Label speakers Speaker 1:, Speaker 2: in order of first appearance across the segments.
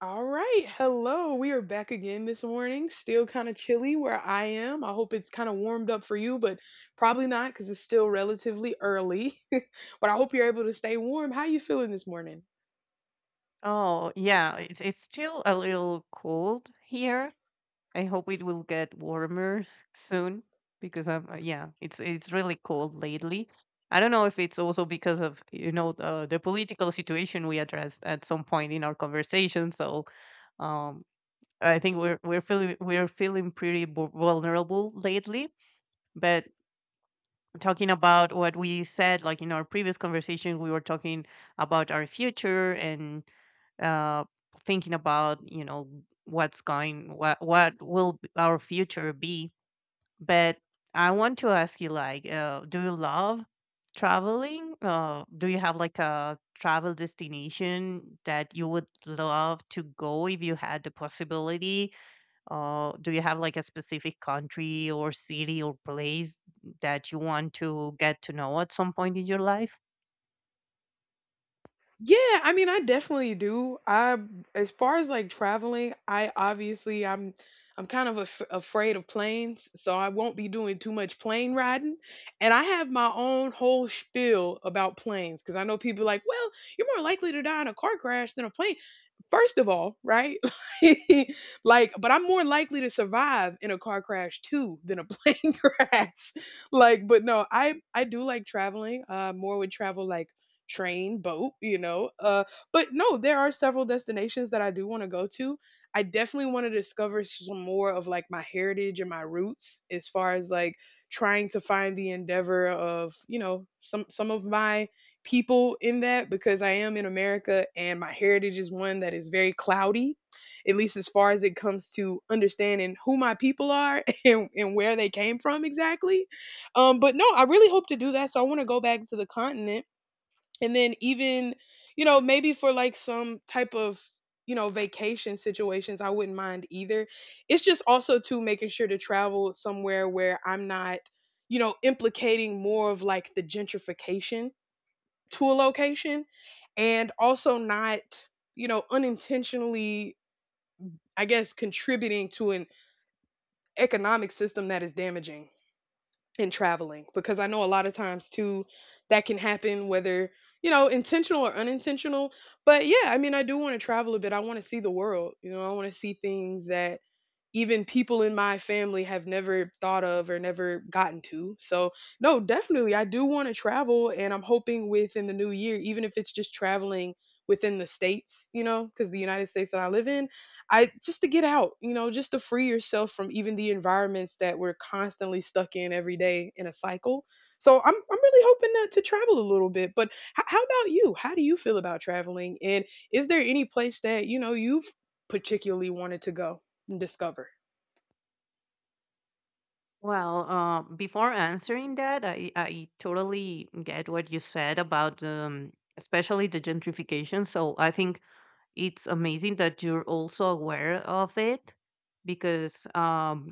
Speaker 1: All right. Hello. We are back again this morning. Still kind of chilly where I am. I hope it's kind of warmed up for you, but probably not because it's still relatively early. But I hope you're able to stay warm. How you feeling this morning?
Speaker 2: Oh, yeah, it's still a little cold here. I hope it will get warmer soon because I'm, it's really cold lately. I don't know if it's also because of the political situation we addressed at some point in our conversation. So, um, I think we're feeling we're feeling pretty vulnerable lately. But talking about what we said like in our previous conversation, we were talking about our future and uh thinking about what's going what will our future be. But I want to ask you, like, do you love traveling? Do you have like a travel destination that you would love to go if you had the possibility? Do you have like a specific country or city or place that you want to get to know at some point in your life?
Speaker 1: Yeah, I mean, I definitely do. I as far as like traveling, I obviously I'm kind of af afraid of planes, so I won't be doing too much plane riding. And I have my own whole spiel about planes because I know people are like, well, you're more likely to die in a car crash than a plane. First of all, right? Like, but I'm more likely to survive in a car crash too than a plane crash. Like, but no, I do like traveling. More would travel like train, boat, you know. But no, there are several destinations that I do want to go to. I definitely want to discover some more of like my heritage and my roots as far as like trying to find the endeavor of, you know, some of my people in that because I am in America and my heritage is one that is very cloudy, at least as far as it comes to understanding who my people are and where they came from exactly. But no, I really hope to do that. So I want to go back to the continent and then even, you know, maybe for like some type of, you know, vacation situations, I wouldn't mind either. It's just also too making sure to travel somewhere where I'm not, you know, implicating more of like the gentrification to a location and also not, you know, unintentionally, I guess, contributing to an economic system that is damaging and traveling because I know a lot of times too that can happen, whether, you know, intentional or unintentional. But yeah, I mean, I do want to travel a bit. I want to see the world, you know. I want to see things that even people in my family have never thought of or never gotten to. So no, definitely, I do want to travel, and I'm hoping within the new year, even if it's just traveling within the states, you know, because the United States that I live in, I just to get out, you know, just to free yourself from even the environments that we're constantly stuck in every day in a cycle. So I'm really hoping to travel a little bit. But how about you? How do you feel about traveling? And is there any place that you know you've particularly wanted to go and discover?
Speaker 2: Well, before answering that, I totally get what you said about especially the gentrification. So I think it's amazing that you're also aware of it, because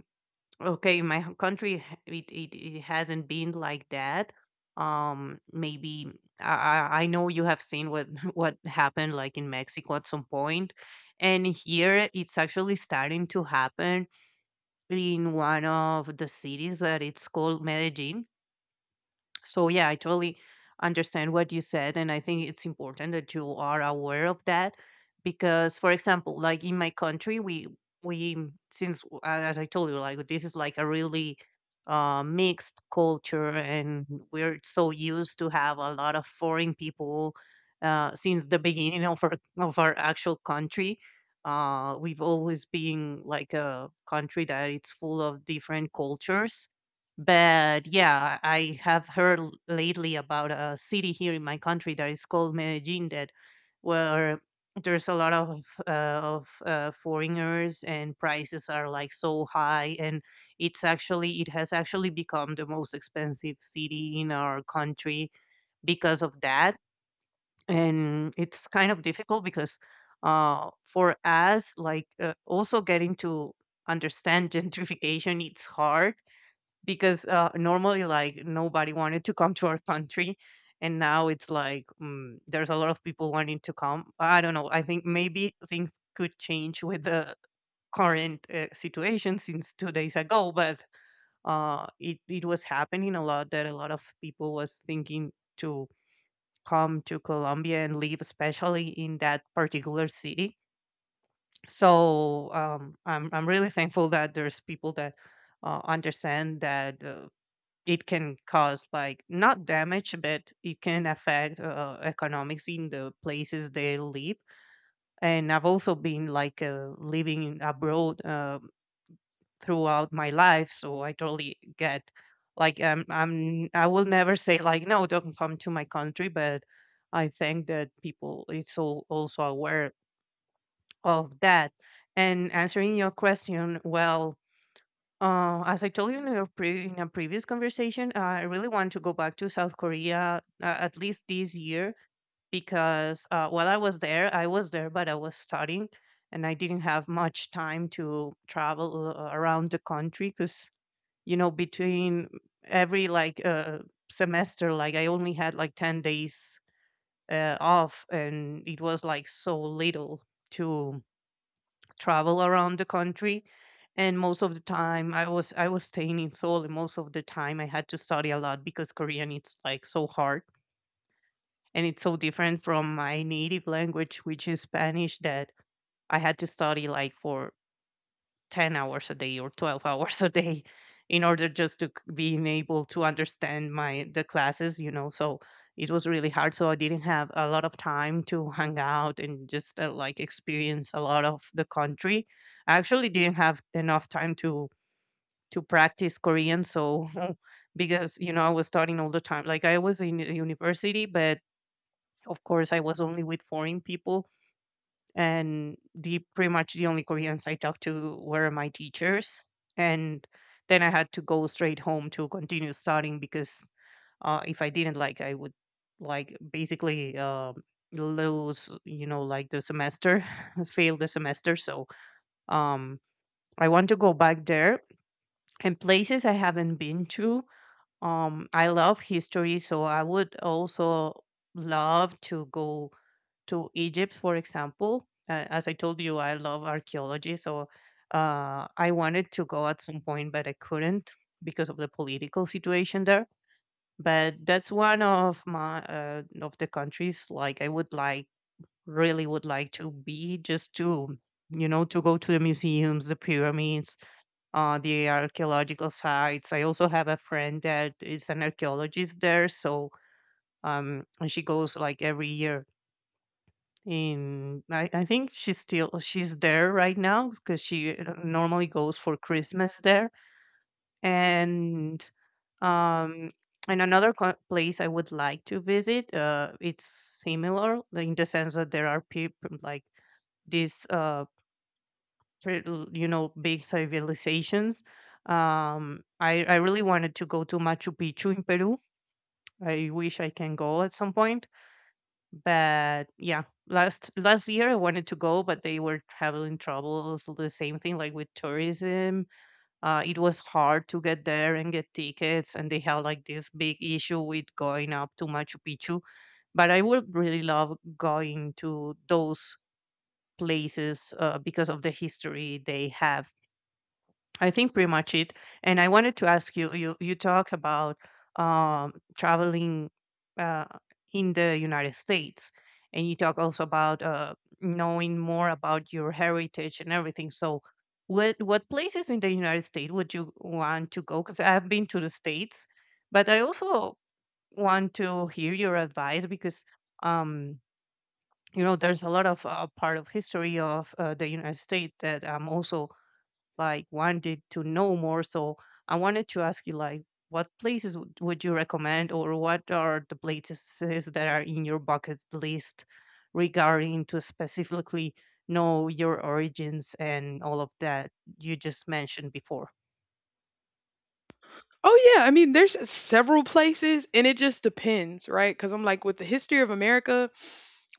Speaker 2: okay, in my country, it hasn't been like that. Maybe I, I know you have seen what what happened like in Mexico at some point, and here it's actually starting to happen in one of the cities that it's called Medellin. So yeah, I totally understand what you said, and I think it's important that you are aware of that because, for example, like in my country, we since as I told you, like this is like a really mixed culture, and we're so used to have a lot of foreign people since the beginning of our actual country. We've always been like a country that it's full of different cultures. But yeah, I have heard lately about a city here in my country that is called Medellin, that where there's a lot of foreigners, and prices are like so high, and it has actually become the most expensive city in our country because of that. And it's kind of difficult because for us, like, also getting to understand gentrification, it's hard because normally, like, nobody wanted to come to our country, and now it's like, there's a lot of people wanting to come. I don't know, I think maybe things could change with the current situation since 2 days ago. But it, it was happening a lot that a lot of people was thinking to come to Colombia and live, especially in that particular city. So I'm really thankful that there's people that understand that it can cause like not damage, but it can affect economics in the places they live. And I've also been like living abroad throughout my life, so I totally get like I'm, I will never say like no, don't come to my country, but I think that people it's all also aware of that. And answering your question, well, as I told you in a previous conversation, I really want to go back to South Korea at least this year, because while I was there, but I was studying, and I didn't have much time to travel around the country because, you know, between every like semester, like I only had like 10 days off, and it was like so little to travel around the country. And most of the time I was staying in Seoul, and most of the time I had to study a lot because Korean it's like so hard, and it's so different from my native language, which is Spanish, that I had to study like for 10 hours a day or 12 hours a day in order just to being able to understand my the classes, you know. So it was really hard, so I didn't have a lot of time to hang out and just like experience a lot of the country. I actually didn't have enough time to practice Korean, so because you know I was studying all the time, like I was in a university, but of course I was only with foreign people, and the pretty much the only Koreans I talked to were my teachers. And then I had to go straight home to continue studying because if I didn't, like, I would like basically lose, you know, like the semester, fail the semester. So um, I want to go back there and places I haven't been to. I love history, so I would also love to go to Egypt, for example. As I told you, I love archaeology, so I wanted to go at some point, but I couldn't because of the political situation there. But that's one of my of the countries like I would like really would like to be, just to, you know, to go to the museums, the pyramids, the archaeological sites. I also have a friend that is an archaeologist there, so and she goes like every year, and I think she's still she's there right now because she normally goes for Christmas there. And um, and another place I would like to visit. It's similar, like, in the sense that there are people like these you know big civilizations. I really wanted to go to Machu Picchu in Peru. I wish I can go at some point. But yeah, last year I wanted to go, but they were having troubles. The same thing like with tourism. It was hard to get there and get tickets, and they had like this big issue with going up to Machu Picchu. But I would really love going to those places because of the history they have. I think pretty much it. And I wanted to ask you, you talk about traveling uh, in the United States, and you talk also about knowing more about your heritage and everything. So, what places in the United States would you want to go? Because I've been to the states, but I also want to hear your advice because um, you know there's a lot of part of history of the United States that I'm also like wanted to know more. So I wanted to ask you like what places would you recommend, or what are the places that are in your bucket list regarding to specifically know your origins and all of that you just mentioned before?
Speaker 1: Oh yeah, I mean, there's several places, and it just depends, right? Because I'm like with the history of America,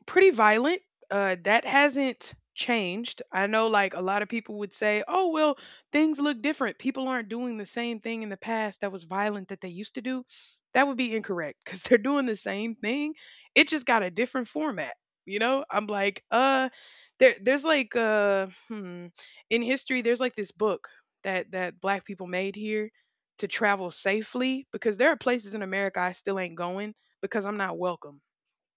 Speaker 1: pretty violent. That hasn't changed. I know, like a lot of people would say, "Oh well, things look different. People aren't doing the same thing in the past that was violent that they used to do." That would be incorrect because they're doing the same thing. It just got a different format. You know, I'm like, there's like, in history, there's like this book that black people made here to travel safely because there are places in America I still ain't going because I'm not welcome.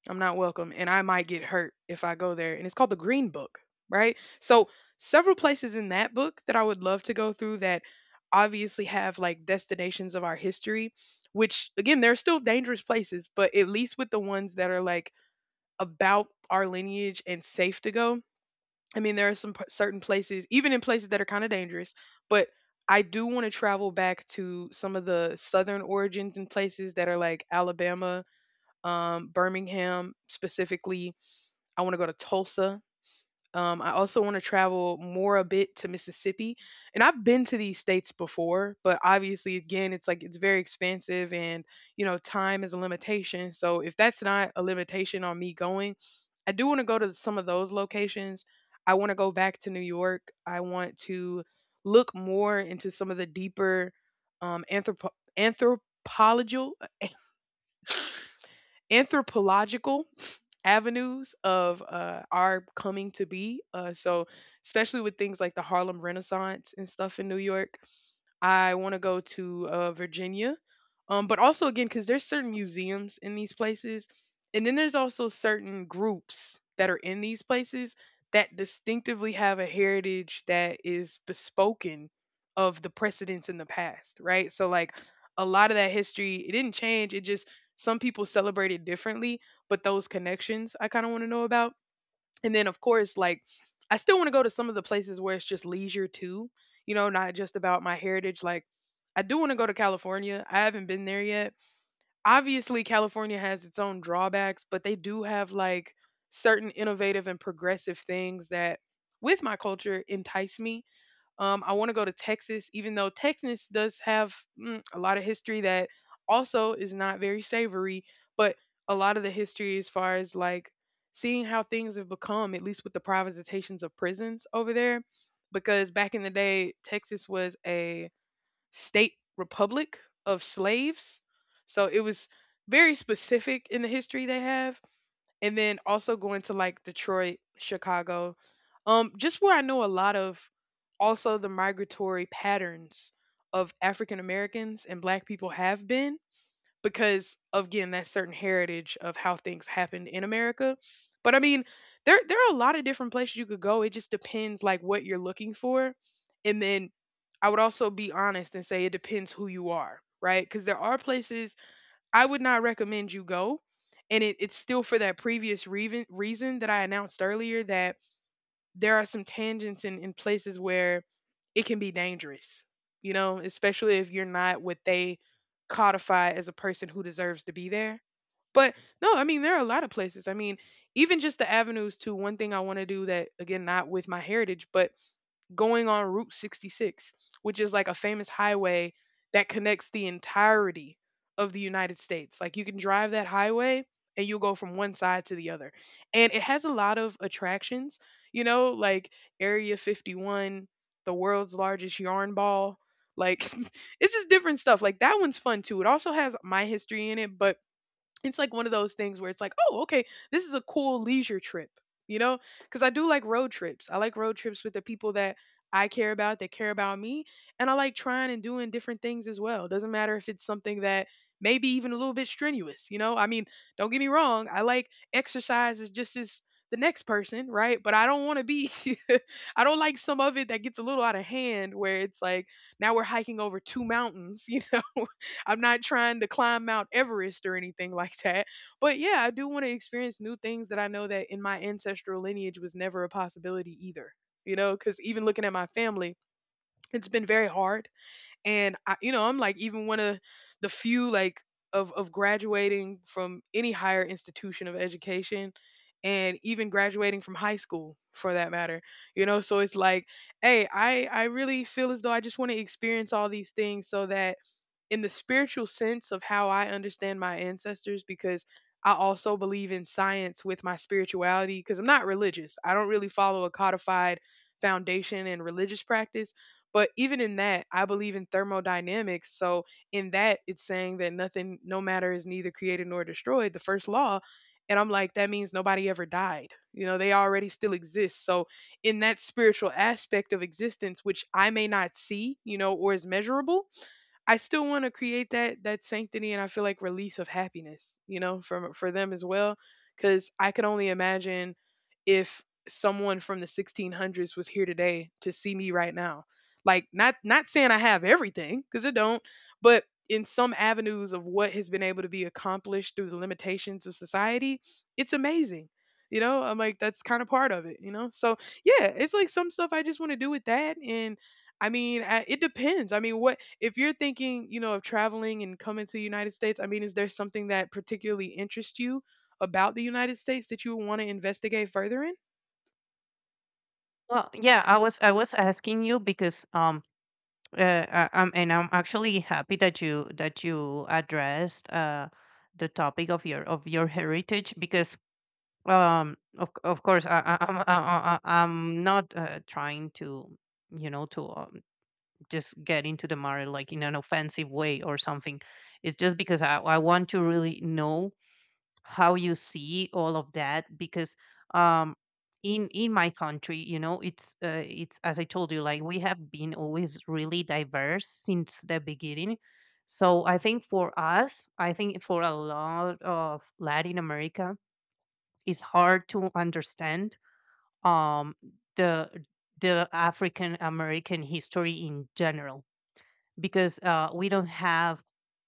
Speaker 1: I'm not welcome, and I might get hurt if I go there. And it's called the Green Book, right? So, several places in that book that I would love to go through that obviously have like destinations of our history, which again, they're still dangerous places, but at least with the ones that are like about our lineage and safe to go, I mean, there are certain places, even in places that are kind of dangerous, but I do want to travel back to some of the southern origins and places that are like Alabama, Birmingham specifically. I want to go to Tulsa. I also want to travel more a bit to Mississippi. And I've been to these states before, but obviously, again, it's like it's very expensive and, you know, time is a limitation. So if that's not a limitation on me going, I do want to go to some of those locations. I want to go back to New York. I want to look more into some of the deeper um, anthropo- anthropological anthropological avenues of our coming to be. So, especially with things like the Harlem Renaissance and stuff in New York, I want to go to Virginia, but also again because there's certain museums in these places, and then there's also certain groups that are in these places that distinctively have a heritage that is bespoken of the precedents in the past, right? So like a lot of that history, it didn't change. It just some people celebrate it differently, but those connections I kind of want to know about. And then, of course, like I still want to go to some of the places where it's just leisure too, you know, not just about my heritage. Like I do want to go to California. I haven't been there yet. Obviously, California has its own drawbacks, but they do have like certain innovative and progressive things that with my culture entice me. I want to go to Texas, even though Texas does have, a lot of history that also is not very savory, but a lot of the history as far as like seeing how things have become, at least with the privatizations of prisons over there, because back in the day, Texas was a state republic of slaves. So it was very specific in the history they have, and then also going to like Detroit, Chicago, just where I know a lot of also the migratory patterns of African Americans and Black people have been because of again that certain heritage of how things happened in America. But I mean, there are a lot of different places you could go. It just depends like what you're looking for, and then I would also be honest and say it depends who you are, right? Because there are places I would not recommend you go. And it's still for that previous reason that I announced earlier that there are some tangents in places where it can be dangerous, you know, especially if you're not what they codify as a person who deserves to be there. But no, I mean, there are a lot of places. I mean, even just the avenues to one thing I want to do that, again, not with my heritage, but going on Route 66, which is like a famous highway that connects the entirety of the United States. Like you can drive that highway and you'll go from one side to the other. And it has a lot of attractions, you know, like Area 51, the world's largest yarn ball. Like it's just different stuff. Like that one's fun too. It also has my history in it, but it's like one of those things where it's like, oh, okay, this is a cool leisure trip, you know? Because I do like road trips. I like road trips with the people that I care about, that care about me. And I like trying and doing different things as well. Doesn't matter if it's something that maybe even a little bit strenuous, you know? I mean, don't get me wrong. I like exercise as just as the next person, right? But I don't want to be, I don't like some of it that gets a little out of hand where it's like, now we're hiking over two mountains, you know? I'm not trying to climb Mount Everest or anything like that. But yeah, I do want to experience new things that I know that in my ancestral lineage was never a possibility either. You know, because even looking at my family, it's been very hard. And I, you know, I'm like even one of the few like of graduating from any higher institution of education and even graduating from high school for that matter, you know. So it's like, hey, I really feel as though I just want to experience all these things so that in the spiritual sense of how I understand my ancestors, because I also believe in science with my spirituality because I'm not religious. I don't really follow a codified foundation in religious practice. But even in that, I believe in thermodynamics. So, in that, it's saying that nothing, no matter is neither created nor destroyed, the first law. And I'm like, that means nobody ever died. You know, they already still exist. So, in that spiritual aspect of existence, which I may not see, you know, or is measurable, I still want to create that sanctity and I feel like release of happiness, you know, from for them as well, because I could only imagine if someone from the 1600s was here today to see me right now. Like not saying I have everything because I don't, but in some avenues of what has been able to be accomplished through the limitations of society, it's amazing. You know, I'm like that's kind of part of it, you know? So, yeah, it's like some stuff I just want to do with that and it depends. I mean, what if you're thinking, you know, of traveling and coming to the United States? I mean, is there something that particularly interests you about the United States that you want to investigate further in?
Speaker 2: Well, yeah, I was asking you because I'm, and I'm actually happy that you addressed the topic of your heritage, because of of course, I'm not trying to, you know, to just get into the matter like in an offensive way or something. It's just because I want to really know how you see all of that, because um in my country, you know, it's it's, as I told you, like we have been always really diverse since the beginning. So I think for us, I think for a lot of Latin America, is hard to understand um, the the African American history in general, because we don't have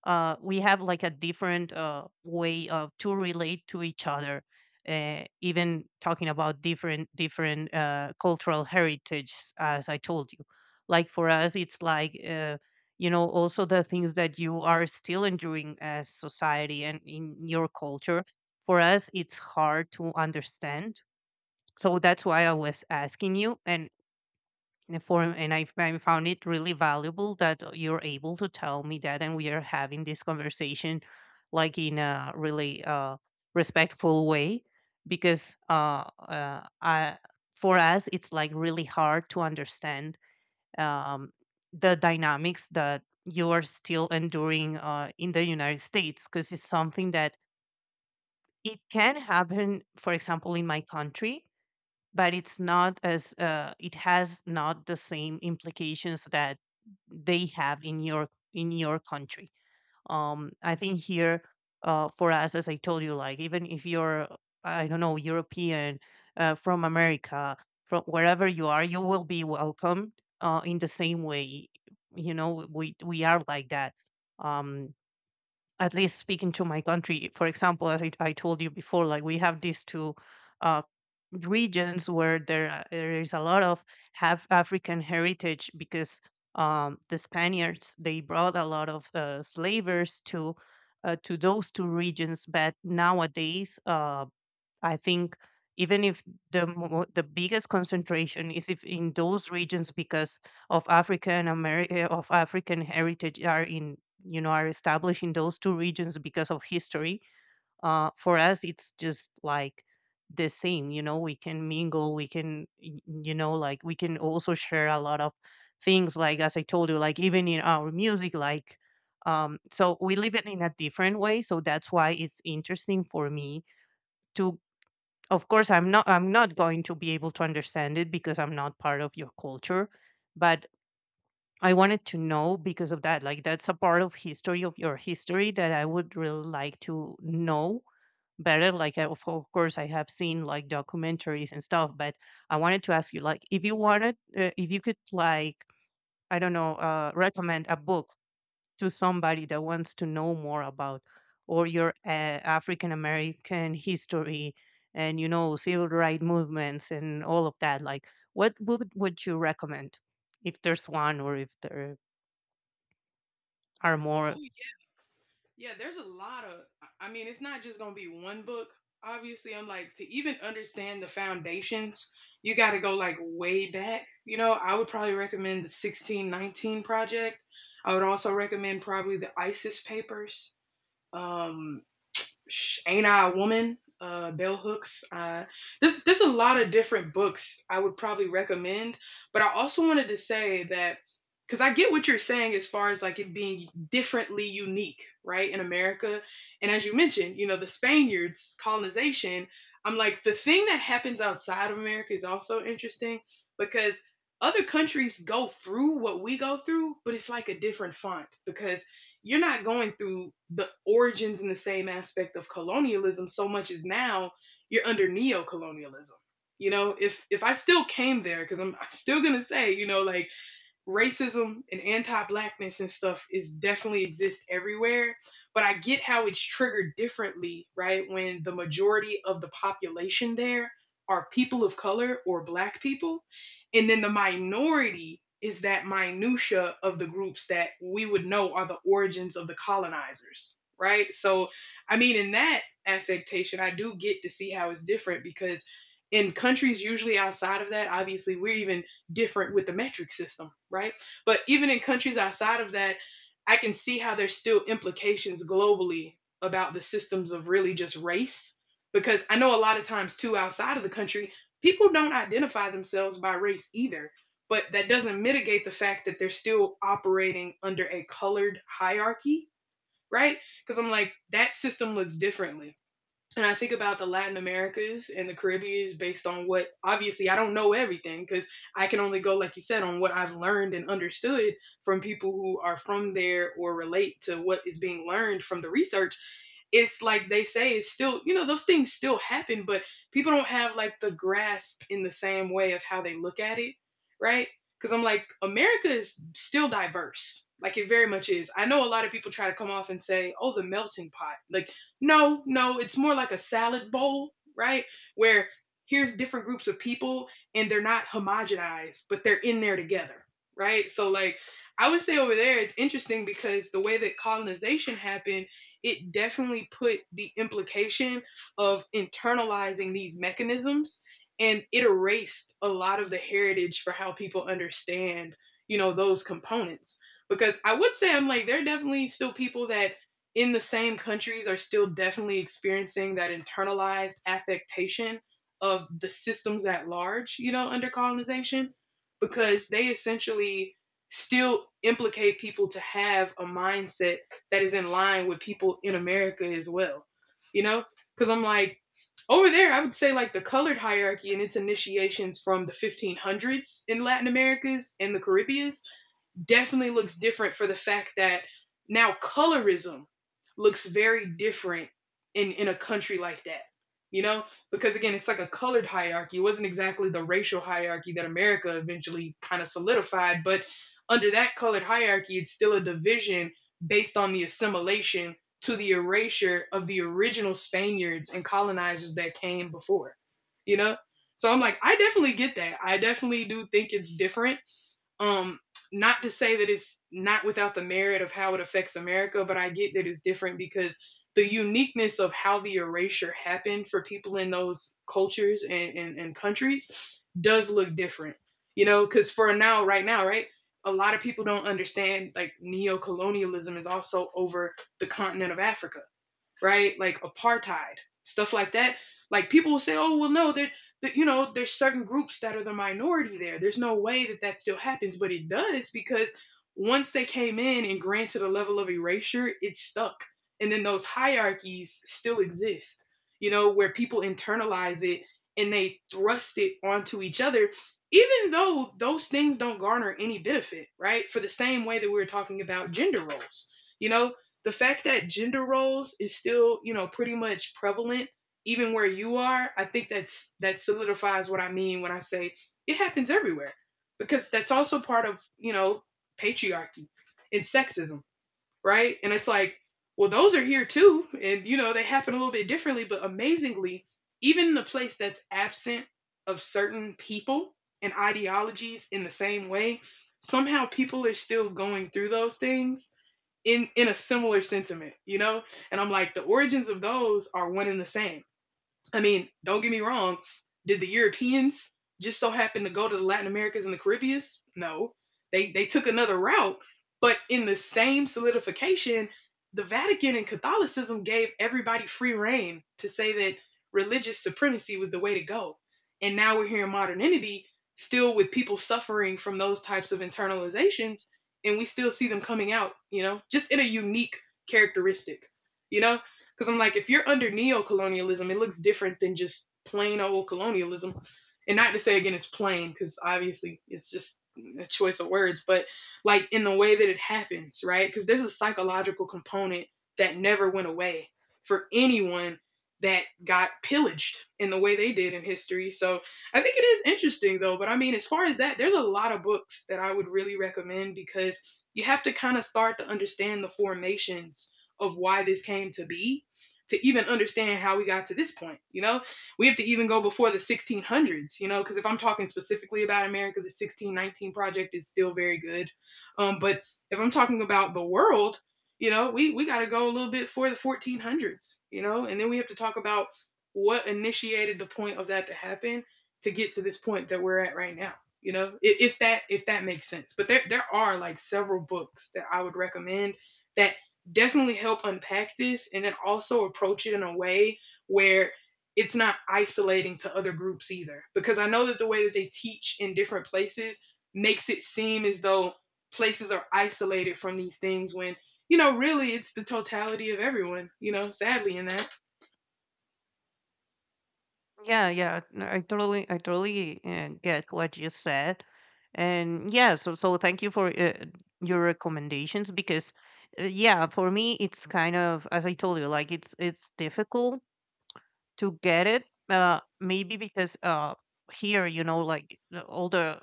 Speaker 2: we have like a different way of to relate to each other. Even talking about different cultural heritage, as I told you, like for us it's like you know, also the things that you are still enduring as society and in your culture, for us it's hard to understand. So that's why I was asking you. And for and I found it really valuable that you're able to tell me that, and we are having this conversation like in a really respectful way, because I, for us it's like really hard to understand um, the dynamics that you are still enduring in the United States, because it's something that it can happen, for example, in my country, but it's not as it has not the same implications that they have in your country. I think here for us, as I told you, like even if you're, I don't know, European, from America, from wherever you are, you will be welcomed in the same way. You know, we are like that. Um, at least speaking to my country, for example, as I told you before, like we have these two uh, regions where there is a lot of have African heritage because the Spaniards they brought a lot of slavers to those two regions, but nowadays. I think even if the biggest concentration is if in those regions because of African America of African heritage are in are established in those two regions because of history. For us, it's just like the same. You know, we can mingle. We can you know like we can also share a lot of things. Like as I told you, like even in our music, like. So we live it in a different way, so that's why it's interesting for me to of course I'm not going to be able to understand it because I'm not part of your culture but I wanted to know because of that like that's a part of history of your history that I would really like to know better like of course I have seen like documentaries and stuff but I wanted to ask you like if you wanted if you could like I don't know recommend a book to somebody that wants to know more about or your African American history and you know civil rights movements and all of that like what book would you recommend if there's one or if there are more.
Speaker 1: Oh yeah, yeah. There's a lot of. I mean, it's not just gonna be one book. Obviously, I'm like to even understand the foundations, you got to go like way back. You know, I would probably recommend the 1619 project. I would also recommend probably the ISIS papers. Um, Ain't I a Woman, Bell Hooks. There's a lot of different books I would probably recommend, but I also wanted to say that because I get what you're saying as far as like it being differently unique, right, in America, and as you mentioned, you know, the Spaniards colonization. I'm like the thing that happens outside of America is also interesting because other countries go through what we go through, but it's like a different font because you're not going through the origins and the same aspect of colonialism so much as now you're under neo-colonialism. You know, if I still came there, because I'm still gonna say, you know, like racism and anti-blackness and stuff is definitely exists everywhere, but I get how it's triggered differently, right? When the majority of the population there are people of color or black people, and then the minority is that minutia of the groups that we would know are the origins of the colonizers, right? So I mean, in that affectation, I do get to see how it's different because in countries usually outside of that, obviously we're even different with the metric system, right? But even in countries outside of that, I can see how there's still implications globally about the systems of really just race. Because I know a lot of times, too, outside of the country, people don't identify themselves by race either. But that doesn't mitigate the fact that they're still operating under a colored hierarchy, right? Because I'm like, that system looks differently and I think about the Latin Americas and the Caribbean based on what, obviously I don't know everything, because I can only go, like you said, on what I've learned and understood from people who are from there or relate to what is being learned from the research. It's like they say it's still, you know, those things still happen, but people don't have like the grasp in the same way of how they look at it, right? Because I'm like, America is still diverse, like it very much is. I know a lot of people try to come off and say, oh, the melting pot, like no, no, it's more like a salad bowl, right? Where here's different groups of people, and they're not homogenized, but they're in there together, right? So like, I would say over there it's interesting because the way that colonization happened, it definitely put the implication of internalizing these mechanisms, and it erased a lot of the heritage for how people understand, you know, those components. Because I would say, I'm like, there are definitely still people that in the same countries are still definitely experiencing that internalized affectation of the systems at large, you know, under colonization, because they essentially still implicate people to have a mindset that is in line with people in America as well. You know, because I'm like over there, I would say like the colored hierarchy and its initiations from the 1500s in Latin Americas and the Caribbean definitely looks different for the fact that now colorism looks very different in a country like that, you know, because again it's like a colored hierarchy. It wasn't exactly the racial hierarchy that America eventually kind of solidified, but under that colored hierarchy it's still a division based on the assimilation to the erasure of the original Spaniards and colonizers that came before, you know. So I'm like, I definitely get that. I definitely do think it's different. um, Not to say that it's not without the merit of how it affects America, but I get that it's different because the uniqueness of how the erasure happened for people in those cultures and, and countries does look different. You know, because for now, right now, right, a lot of people don't understand like neo colonialism is also over the continent of Africa, right? Like apartheid, stuff like that. Like people will say, oh, well, no, that, you know, there's certain groups that are the minority there. There's no way that that still happens, but it does because once they came in and granted a level of erasure, it stuck. And then those hierarchies still exist, you know, where people internalize it and they thrust it onto each other, even though those things don't garner any benefit, right? For the same way that we were talking about gender roles, you know, the fact that gender roles is still, you know, pretty much prevalent even where you are, I think that's that solidifies what I mean when I say it happens everywhere, because that's also part of, you know, patriarchy and sexism, right? And it's like, well, those are here too, and you know they happen a little bit differently, but amazingly, even in the place that's absent of certain people and ideologies, in the same way somehow people are still going through those things in a similar sentiment, you know? And I'm like, the origins of those are one and the same. I mean, don't get me wrong. Did the Europeans just so happen to go to the Latin Americas and the Caribbeans? No. They took another route, but in the same solidification, the Vatican and Catholicism gave everybody free reign to say that religious supremacy was the way to go. And now we're here in modernity, still with people suffering from those types of internalizations, and we still see them coming out, you know, just in a unique characteristic, you know? Because I'm like, if you're under neo colonialism, it looks different than just plain old colonialism. And not to say again it's plain, because obviously it's just a choice of words, but like in the way that it happens, right? Because there's a psychological component that never went away for anyone that got pillaged in the way they did in history. So I think it is interesting though, but I mean, as far as that, there's a lot of books that I would really recommend because you have to kind of start to understand the formations of why this came to be to even understand how we got to this point. You know, we have to even go before the 1600s, you know, because if I'm talking specifically about America, the 1619 project is still very good. But if I'm talking about the world, you know, we got to go a little bit for the 1400s, you know, and then we have to talk about what initiated the point of that to happen to get to this point that we're at right now. You know, if that makes sense, but there are like several books that I would recommend that definitely help unpack this and then also approach it in a way where it's not isolating to other groups either. Because I know that the way that they teach in different places makes it seem as though places are isolated from these things when, you know, really it's the totality of everyone, you know, sadly in that.
Speaker 2: Yeah, yeah, no, I totally get what you said, and yeah, so so thank you for your recommendations because yeah, for me it's kind of as I told you like it's difficult to get it. Maybe because here, you know, like all the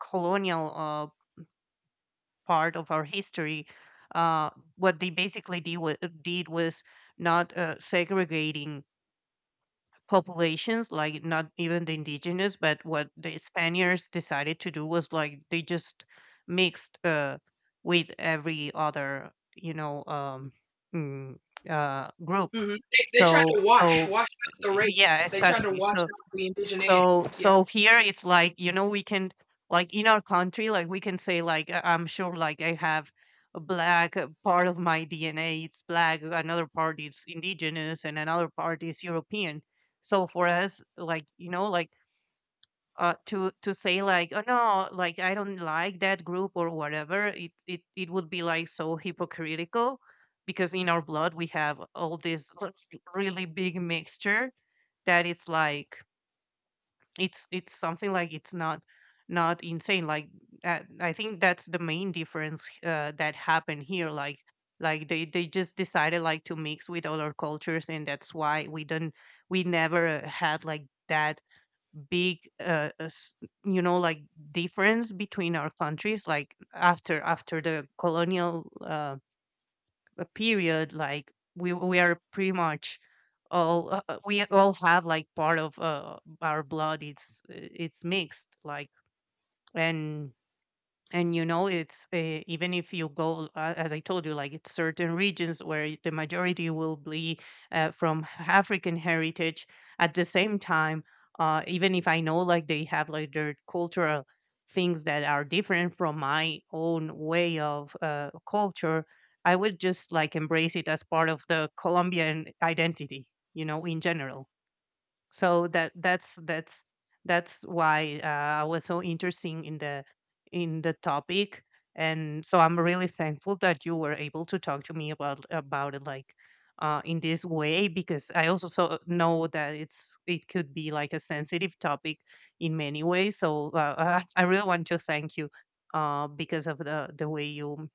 Speaker 2: colonial part of our history, uh, what they basically did, did was not segregating populations, like not even the indigenous, but what the Spaniards decided to do was like they just mixed with every other, you know, mm, group.
Speaker 1: Hmm. They tried
Speaker 2: So,
Speaker 1: to wash,
Speaker 2: so
Speaker 1: wash out
Speaker 2: y-
Speaker 1: the race.
Speaker 2: yeah,
Speaker 1: They tried to
Speaker 2: exactly.
Speaker 1: wash
Speaker 2: So
Speaker 1: out the indigeneity.
Speaker 2: so
Speaker 1: Yeah.
Speaker 2: so here it's like, you know, we can like in our country, like we can say like I'm sure like I have a black part of my DNA, it's black, another part is indigenous and another part is European. So for us, like, you know, like to say like, oh no, like I don't like that group or whatever, it would be like so hypocritical because in our blood we have all this really big mixture that it's like it's something like it's not not insane like I think that's the main difference that happened here like they just decided like to mix with other cultures and that's why we didn't we never had like that big you know like difference between our countries like after after the colonial a period like we are pretty much all we all have like part of our blood it's mixed like and and you know it's even if you go as I told you like it's certain regions where the majority will be from african heritage at the same time even if I know like they have like their cultural things that are different from my own way of culture I would just like embrace it as part of the colombian identity you know in general so that's why I was so interested in the topic, and so I'm really thankful that you were able to talk to me about it like in this way because I also so know that it could be like a sensitive topic in many ways. So I really want to thank you because of the way you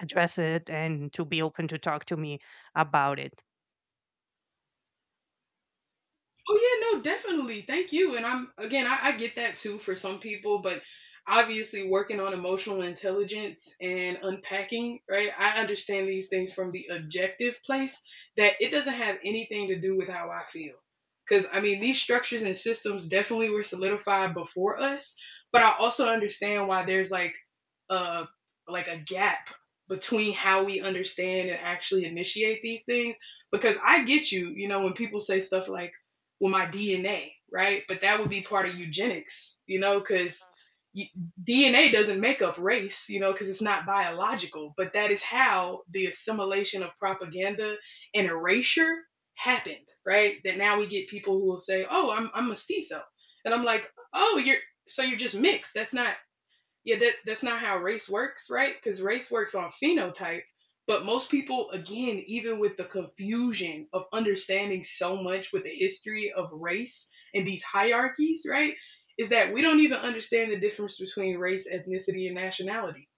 Speaker 2: address it and to be open to talk to me about it.
Speaker 1: Oh yeah, no, definitely. Thank you. And I'm again, I get that too for some people, but obviously working on emotional intelligence and unpacking, right? I understand these things from the objective place that it doesn't have anything to do with how I feel. Because I mean, these structures and systems definitely were solidified before us, but I also understand why there's a like a gap between how we understand and actually initiate these things because I get you, you know, when people say stuff like with my DNA, right? But that would be part of eugenics, you know, because DNA doesn't make up race, you know, because it's not biological. But that is how the assimilation of propaganda and erasure happened, right? That now we get people who will say, "Oh, I'm mestizo," and I'm like, "Oh, you're just mixed. That's not." Yeah, that's not how race works, right? Because race works on phenotype. But most people, again, even with the confusion of understanding so much with the history of race and these hierarchies, right, is that we don't even understand the difference between race, ethnicity, and nationality.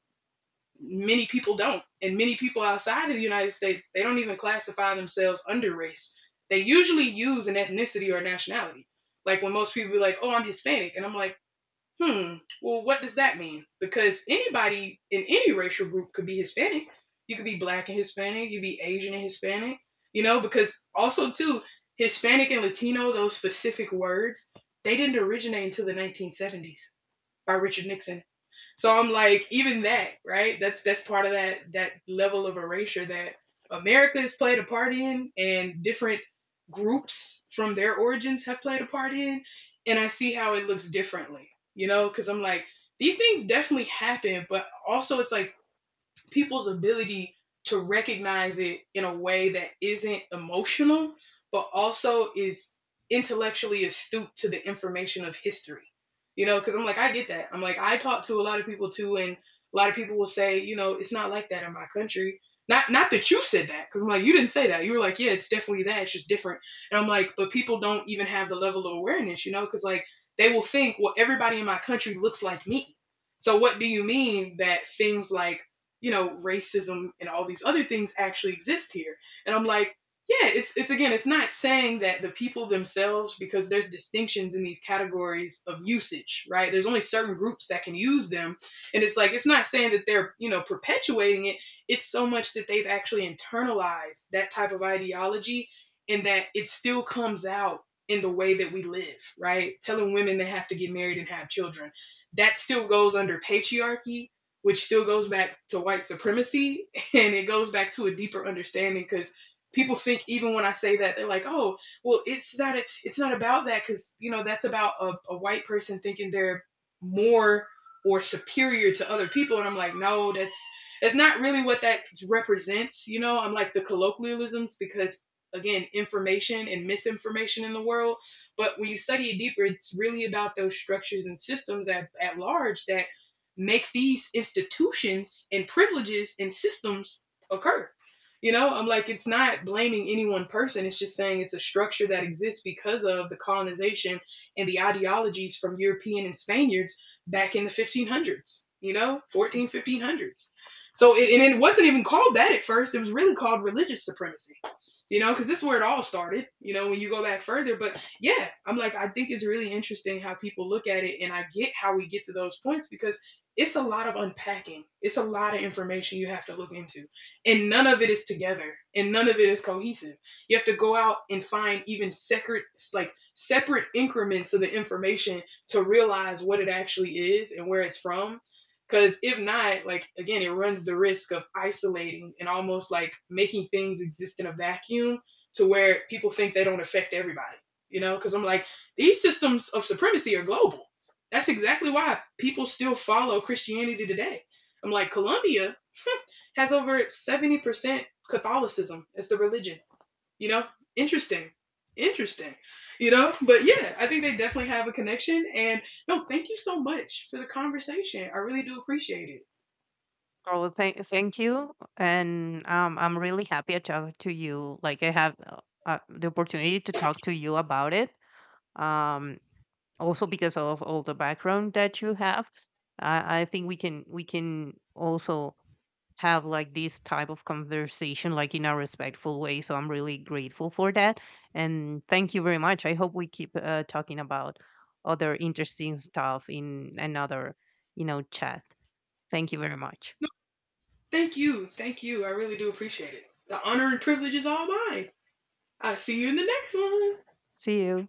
Speaker 1: Many people don't. And many people outside of the United States, they don't even classify themselves under race. They usually use an ethnicity or nationality. Like when most people be like, oh, I'm Hispanic. And I'm like, hmm. Well, what does that mean? Because anybody in any racial group could be Hispanic. You could be black and Hispanic. You could be Asian and Hispanic. You know, because also too, Hispanic and Latino, those specific words, they didn't originate until the 1970s by Richard Nixon. So I'm like, even that, right? That's part of that level of erasure that America has played a part in, and different groups from their origins have played a part in, and I see how it looks differently, you know? Because I'm like, these things definitely happen, but also it's like people's ability to recognize it in a way that isn't emotional, but also is intellectually astute to the information of history. You know, because I'm like, I get that. I'm like, I talk to a lot of people too, and a lot of people will say, you know, it's not like that in my country. Not that you said that, because I'm like, you didn't say that. You were like, yeah, it's definitely that. It's just different. And I'm like, but people don't even have the level of awareness, you know, because like they will think, well, everybody in my country looks like me. So what do you mean that things like, you know, racism and all these other things actually exist here. And I'm like, yeah, it's again, it's not saying that the people themselves, because there's distinctions in these categories of usage, right? There's only certain groups that can use them, and it's like it's not saying that they're, you know, perpetuating it. It's so much that they've actually internalized that type of ideology, and that it still comes out in the way that we live, right? Telling women they have to get married and have children, that still goes under patriarchy, which still goes back to white supremacy and it goes back to a deeper understanding because people think even when I say that they're like, oh, well, it's not about that because you know that's about a white person thinking they're more or superior to other people, and I'm like, no, that's not really what that represents. You know, I'm like the colloquialisms because again, information and misinformation in the world. But when you study it deeper, it's really about those structures and systems at large that make these institutions and privileges and systems occur. You know, I'm like, it's not blaming any one person. It's just saying it's a structure that exists because of the colonization and the ideologies from European and Spaniards back in the 1500s, you know, 1500s. So, and it wasn't even called that at first. It was really called religious supremacy, you know, because this is where it all started, you know, when you go back further. But yeah, I'm like, I think it's really interesting how people look at it. And I get how we get to those points because it's a lot of unpacking. It's a lot of information you have to look into. And none of it is together and none of it is cohesive. You have to go out and find even separate separate increments of the information to realize what it actually is and where it's from. Cause if not, like again, it runs the risk of isolating and almost like making things exist in a vacuum to where people think they don't affect everybody. You know, because I'm like, these systems of supremacy are global. That's exactly why people still follow Christianity today. I'm like, Colombia has over 70% Catholicism as the religion. You know, interesting. Interesting. You know, but yeah, I think they definitely have a connection. And no, thank you so much for the conversation. I really do appreciate it.
Speaker 2: Oh, thank you, and I'm really happy I talked to you. Like I have the opportunity to talk to you about it. Um, Also because of all the background that you have, I think we can also have like this type of conversation like in a respectful way. So I'm really grateful for that, and thank you very much. I hope we keep talking about other interesting stuff in another you know chat. Thank you very much.
Speaker 1: Thank you. Thank you. I really do appreciate it. The honor and privilege is all mine. I'll see you in the next one.
Speaker 2: See you.